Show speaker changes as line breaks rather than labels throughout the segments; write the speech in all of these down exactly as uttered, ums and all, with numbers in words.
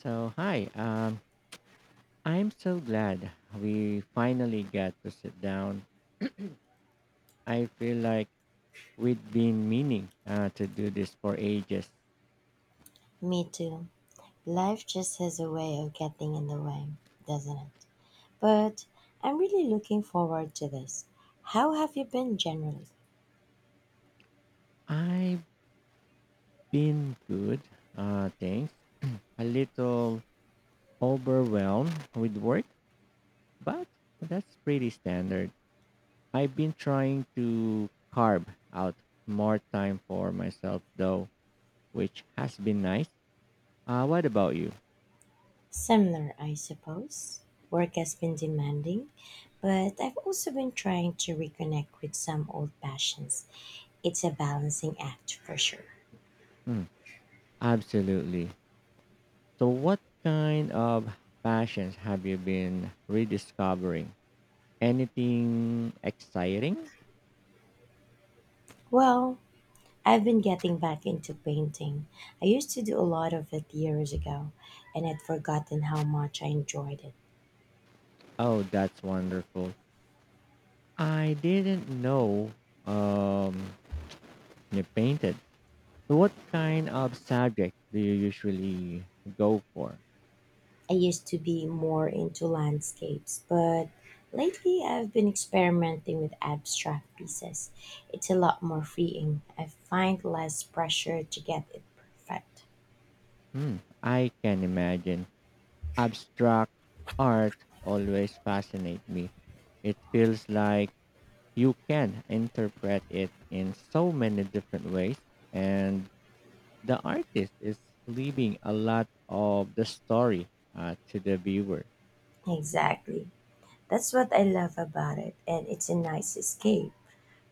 So, hi. Um, I'm so glad we finally got to sit down. I feel like we've been meaning uh, to do this for ages.
Me too. Life just has a way of getting in the way, doesn't it? But I'm really looking forward to this. How have you been generally?
I've been good, uh, thanks. A little overwhelmed with work, but that's pretty standard. I've been trying to carve out more time for myself, though, which has been nice. Uh, what about you?
Similar, I suppose. Work has been demanding, but I've also been trying to reconnect with some old passions. It's a balancing act for sure.
Mm, absolutely. So, what kind of passions have you been rediscovering? Anything exciting?
Well, I've been getting back into painting. I used to do a lot of it years ago, and I'd forgotten how much I enjoyed it.
Oh, that's wonderful. I didn't know um, you painted. So, what kind of subject do you usually go for?
I used to be more into landscapes, but lately I've been experimenting with abstract pieces. It's a lot more freeing. I find less pressure to get it perfect.
Hmm, I can imagine. Abstract art always fascinates me. It feels like you can interpret it in so many different ways and the artist is leaving a lot of the story uh, to the viewer.
Exactly. That's what I love about it, and it's a nice escape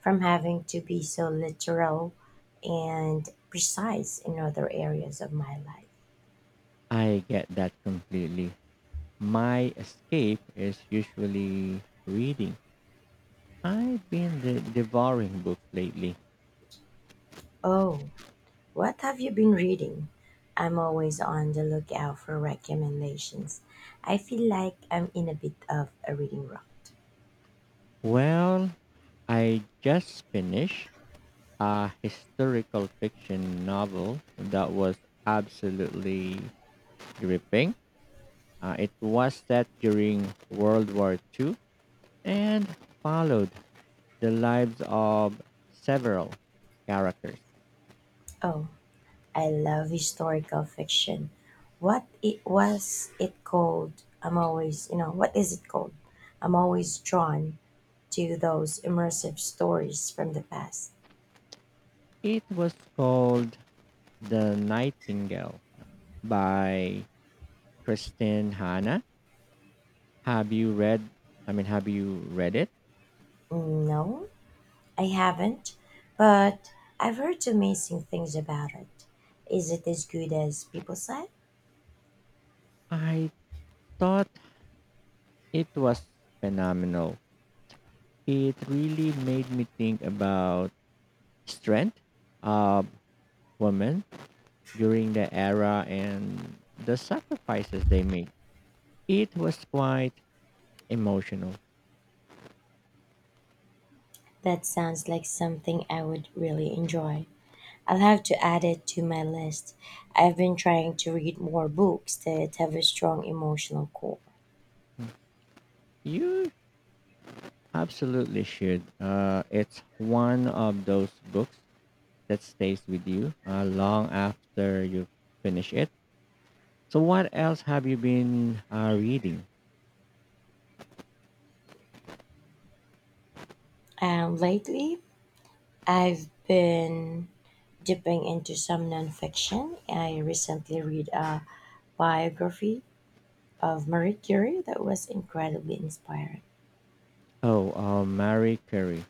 from having to be so literal and precise in other areas of my life.
I get that completely. My escape is usually reading. I've been de- devouring books lately.
Oh, what have you been reading? I'm always on the lookout for recommendations. I feel like I'm in a bit of a reading rut.
Well, I just finished a historical fiction novel that was absolutely gripping. Uh, it was set during World War Two and followed the lives of several characters.
Oh, I love historical fiction. What it was it called? I'm always, you know, what is it called? I'm always drawn to those immersive stories from the past.
It was called The Nightingale by Kristen Hanna. Have you read I mean, have you read it?
No, I haven't, but I've heard amazing things about it. Is it as good as people say?
I thought it was phenomenal. It really made me think about strength of women during the era and the sacrifices they made. It was quite emotional.
That sounds like something I would really enjoy. I'll have to add it to my list. I've been trying to read more books that have a strong emotional core.
You Absolutely should. Uh, it's one of those books that stays with you uh, long after you finish it. So, what else have you been uh, reading?
Um, lately, I've been dipping into some nonfiction. I recently read a biography of Marie Curie that was incredibly inspiring.
Oh, uh, Marie Curie.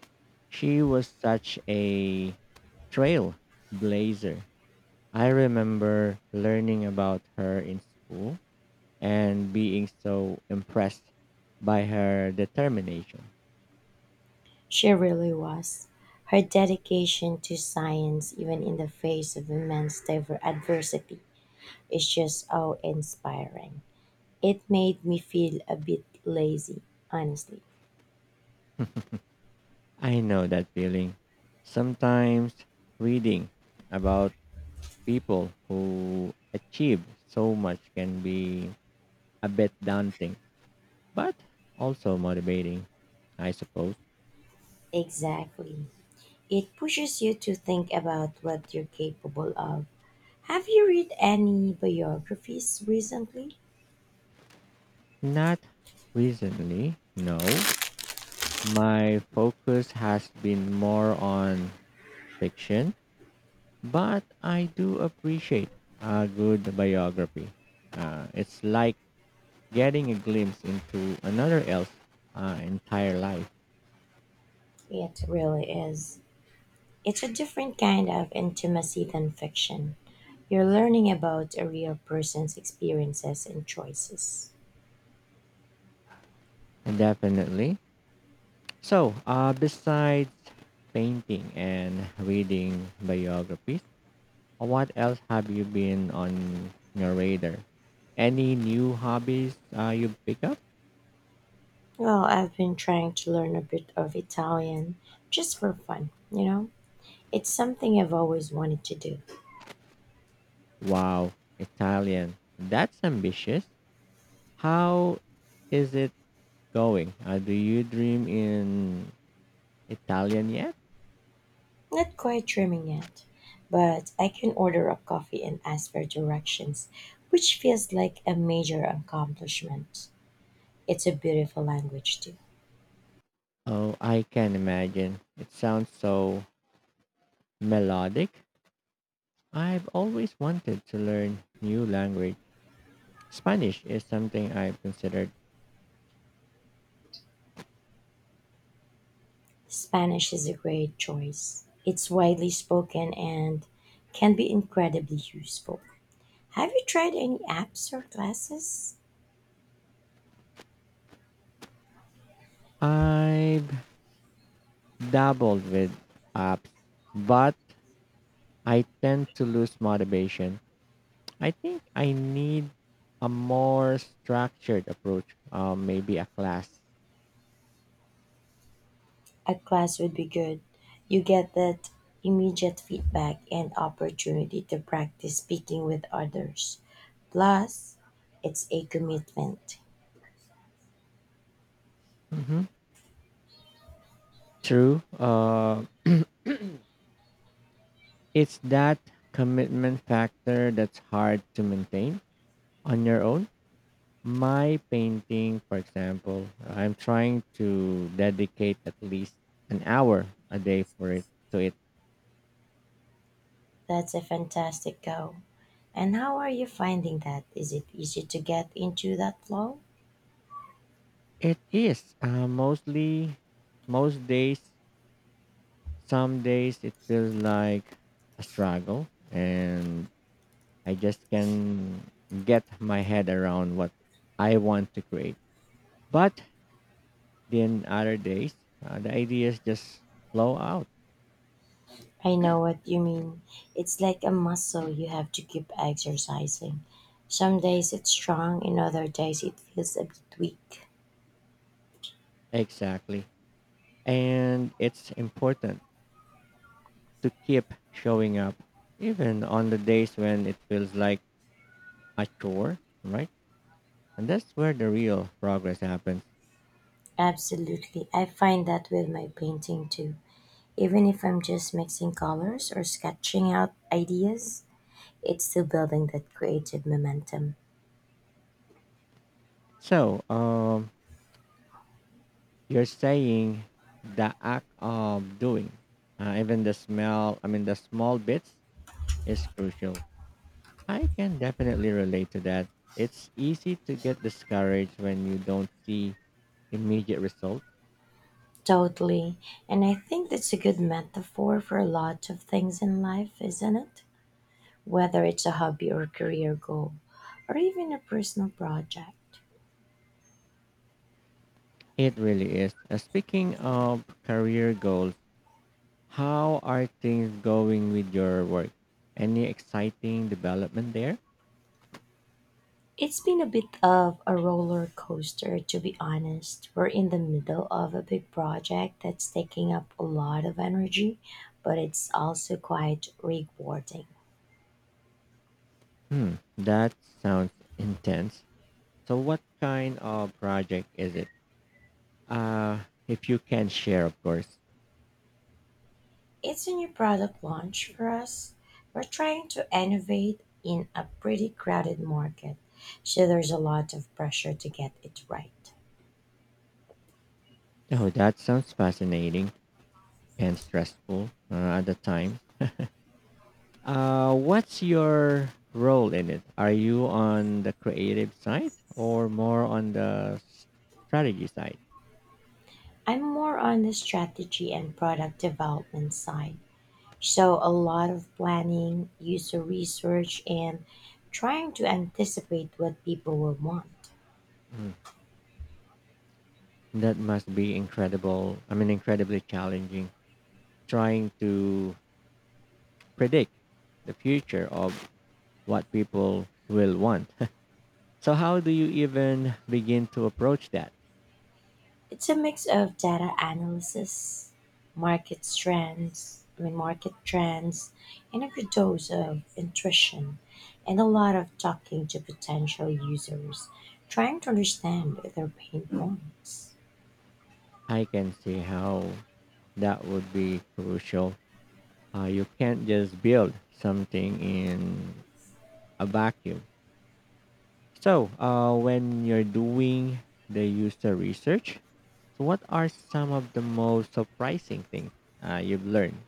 She was such a trailblazer. I remember learning about her in school and being so impressed by her determination.
She really was. Her dedication to science, even in the face of immense diver- adversity, is just awe inspiring. It made me feel a bit lazy, honestly.
I know that feeling. Sometimes reading about people who achieve so much can be a bit daunting, but also motivating, I suppose.
Exactly. It pushes you to think about what you're capable of. Have you read any biographies recently?
Not recently, no. My focus has been more on fiction, but I do appreciate a good biography. Uh, it's like getting a glimpse into another else uh, entire life.
It really is. It's a different kind of intimacy than fiction. You're learning about a real person's experiences and choices.
And definitely. So, uh, besides painting and reading biographies, what else have you been on your radar? Any new hobbies uh, you pick up?
Well, I've been trying to learn a bit of Italian just for fun, you know? It's something I've always wanted to do.
Wow, Italian. That's ambitious. How is it going? Uh, do you dream in Italian yet?
Not quite dreaming yet, but I can order a coffee and ask for directions, which feels like a major accomplishment. It's a beautiful language, too.
Oh, I can imagine. It sounds so melodic. I've always wanted to learn new language. Spanish is something I've considered.
Spanish is a great choice. It's widely spoken and can be incredibly useful. Have you tried any apps or classes?
I've dabbled with apps, but I tend to lose motivation. I think I need a more structured approach, uh, maybe a class.
A class would be good. You get that immediate feedback and opportunity to practice speaking with others. Plus, it's a commitment.
hmm True. Uh, it's that commitment factor that's hard to maintain on your own. My painting, for example, I'm trying to dedicate at least an hour a day for it to it.
That's a fantastic goal. And how are you finding that? Is it easy to get into that flow?
It is uh, mostly Most days. Some days it feels like a struggle, and I just can get my head around what I want to create. But then other days, uh, the ideas just flow out.
I know what you mean. It's like a muscle you have to keep exercising. Some days it's strong, in other days it feels a bit weak.
Exactly, and it's important to keep showing up, even on the days when it feels like a chore, right? And that's where the real progress happens.
Absolutely. I find that with my painting too. Even if I'm just mixing colors or sketching out ideas, it's still building that creative momentum.
So, um, you're saying the act of doing, uh, even the smell, I mean, the small bits is crucial. I can definitely relate to that. It's easy to get discouraged when you don't see immediate results.
Totally. And I think that's a good metaphor for a lot of things in life, isn't it? Whether it's a hobby or career goal, or even a personal project.
It really is. Uh, speaking of career goals, how are things going with your work? Any exciting development there?
It's been a bit of a roller coaster, to be honest. We're in the middle of a big project that's taking up a lot of energy, but it's also quite rewarding.
Hmm, that sounds intense. So, what kind of project is it? Uh, if you can share, of course.
It's a new product launch for us. We're trying to innovate in a pretty crowded market, so there's a lot of pressure to get it right.
Oh, that sounds fascinating and stressful uh, at the time. Uh, what's your role in it? Are you on the creative side or more on the s- strategy side?
I'm more on the strategy and product development side, so a lot of planning, user research, and trying to anticipate what people will want.
Mm, that must be incredible. I mean, incredibly challenging trying to predict the future of what people will want. So, how do you even begin to approach that?
It's a mix of data analysis, market trends, I mean market trends, and a good dose of intuition, and a lot of talking to potential users, trying to understand their pain points.
I can see how that would be crucial. Uh, you can't just build something in a vacuum. So, uh, when you're doing the user research, so what are some of the most surprising things uh, you've learned?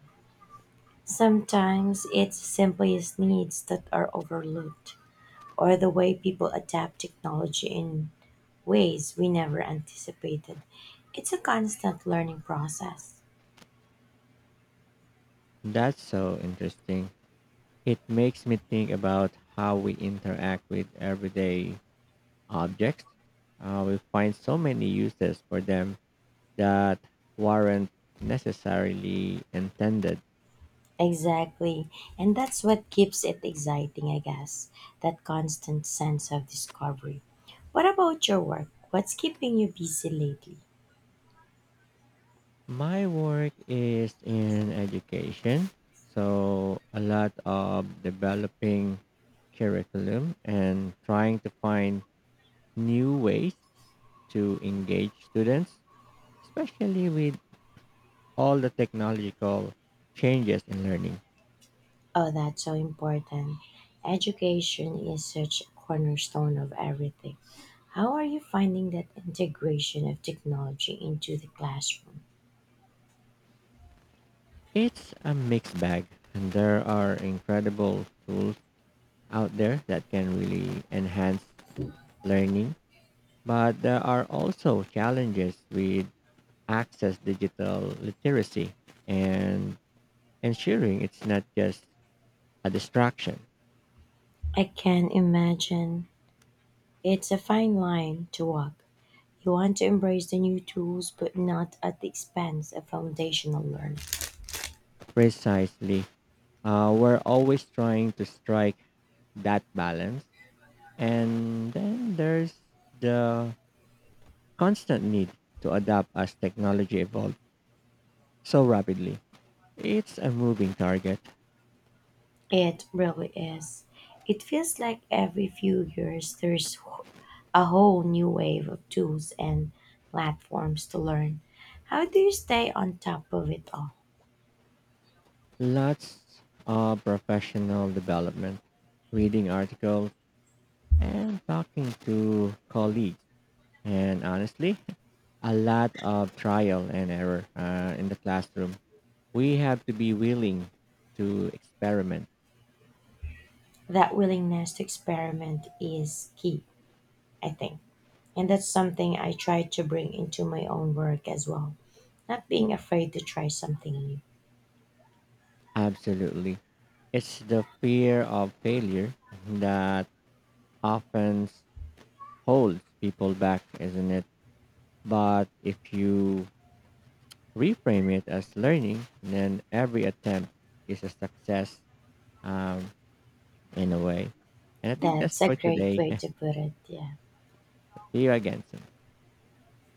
Sometimes it's simply as needs that are overlooked, or the way people adapt technology in ways we never anticipated. It's a constant learning process.
That's so interesting. It makes me think about how we interact with everyday objects. Uh, we find so many uses for them that weren't necessarily intended.
Exactly. And that's what keeps it exciting, I guess, that constant sense of discovery. What about your work? What's keeping you busy lately?
My work is in education, so a lot of developing curriculum and trying to find new ways to engage students, especially with all the technological changes in learning.
Oh, that's so important. Education is such a cornerstone of everything. How are you finding that integration of technology into the classroom?
It's a mixed bag, and there are incredible tools out there that can really enhance learning, but there are also challenges with access digital literacy and ensuring it's not just a distraction.
I can imagine. It's a fine line to walk. You want to embrace the new tools, but not at the expense of foundational learning.
Precisely. Uh, we're always trying to strike that balance. And then there's the constant need to adapt as technology evolves so rapidly. It's a moving target.
It really is. It feels like every few years there's wh- a whole new wave of tools and platforms to learn. How do you stay on top of it all?
Lots of professional development, reading articles, and talking to colleagues. And honestly, a lot of trial and error uh, in the classroom. We have to be willing to experiment.
That willingness to experiment is key, I think. And that's something I try to bring into my own work as well. Not being afraid to try something new.
Absolutely. It's the fear of failure that often holds people back, isn't it? But if you reframe it as learning, then every attempt is a success um, in a way. And I think that's
That's a
for
great
today.
way to put it, yeah.
See you again soon.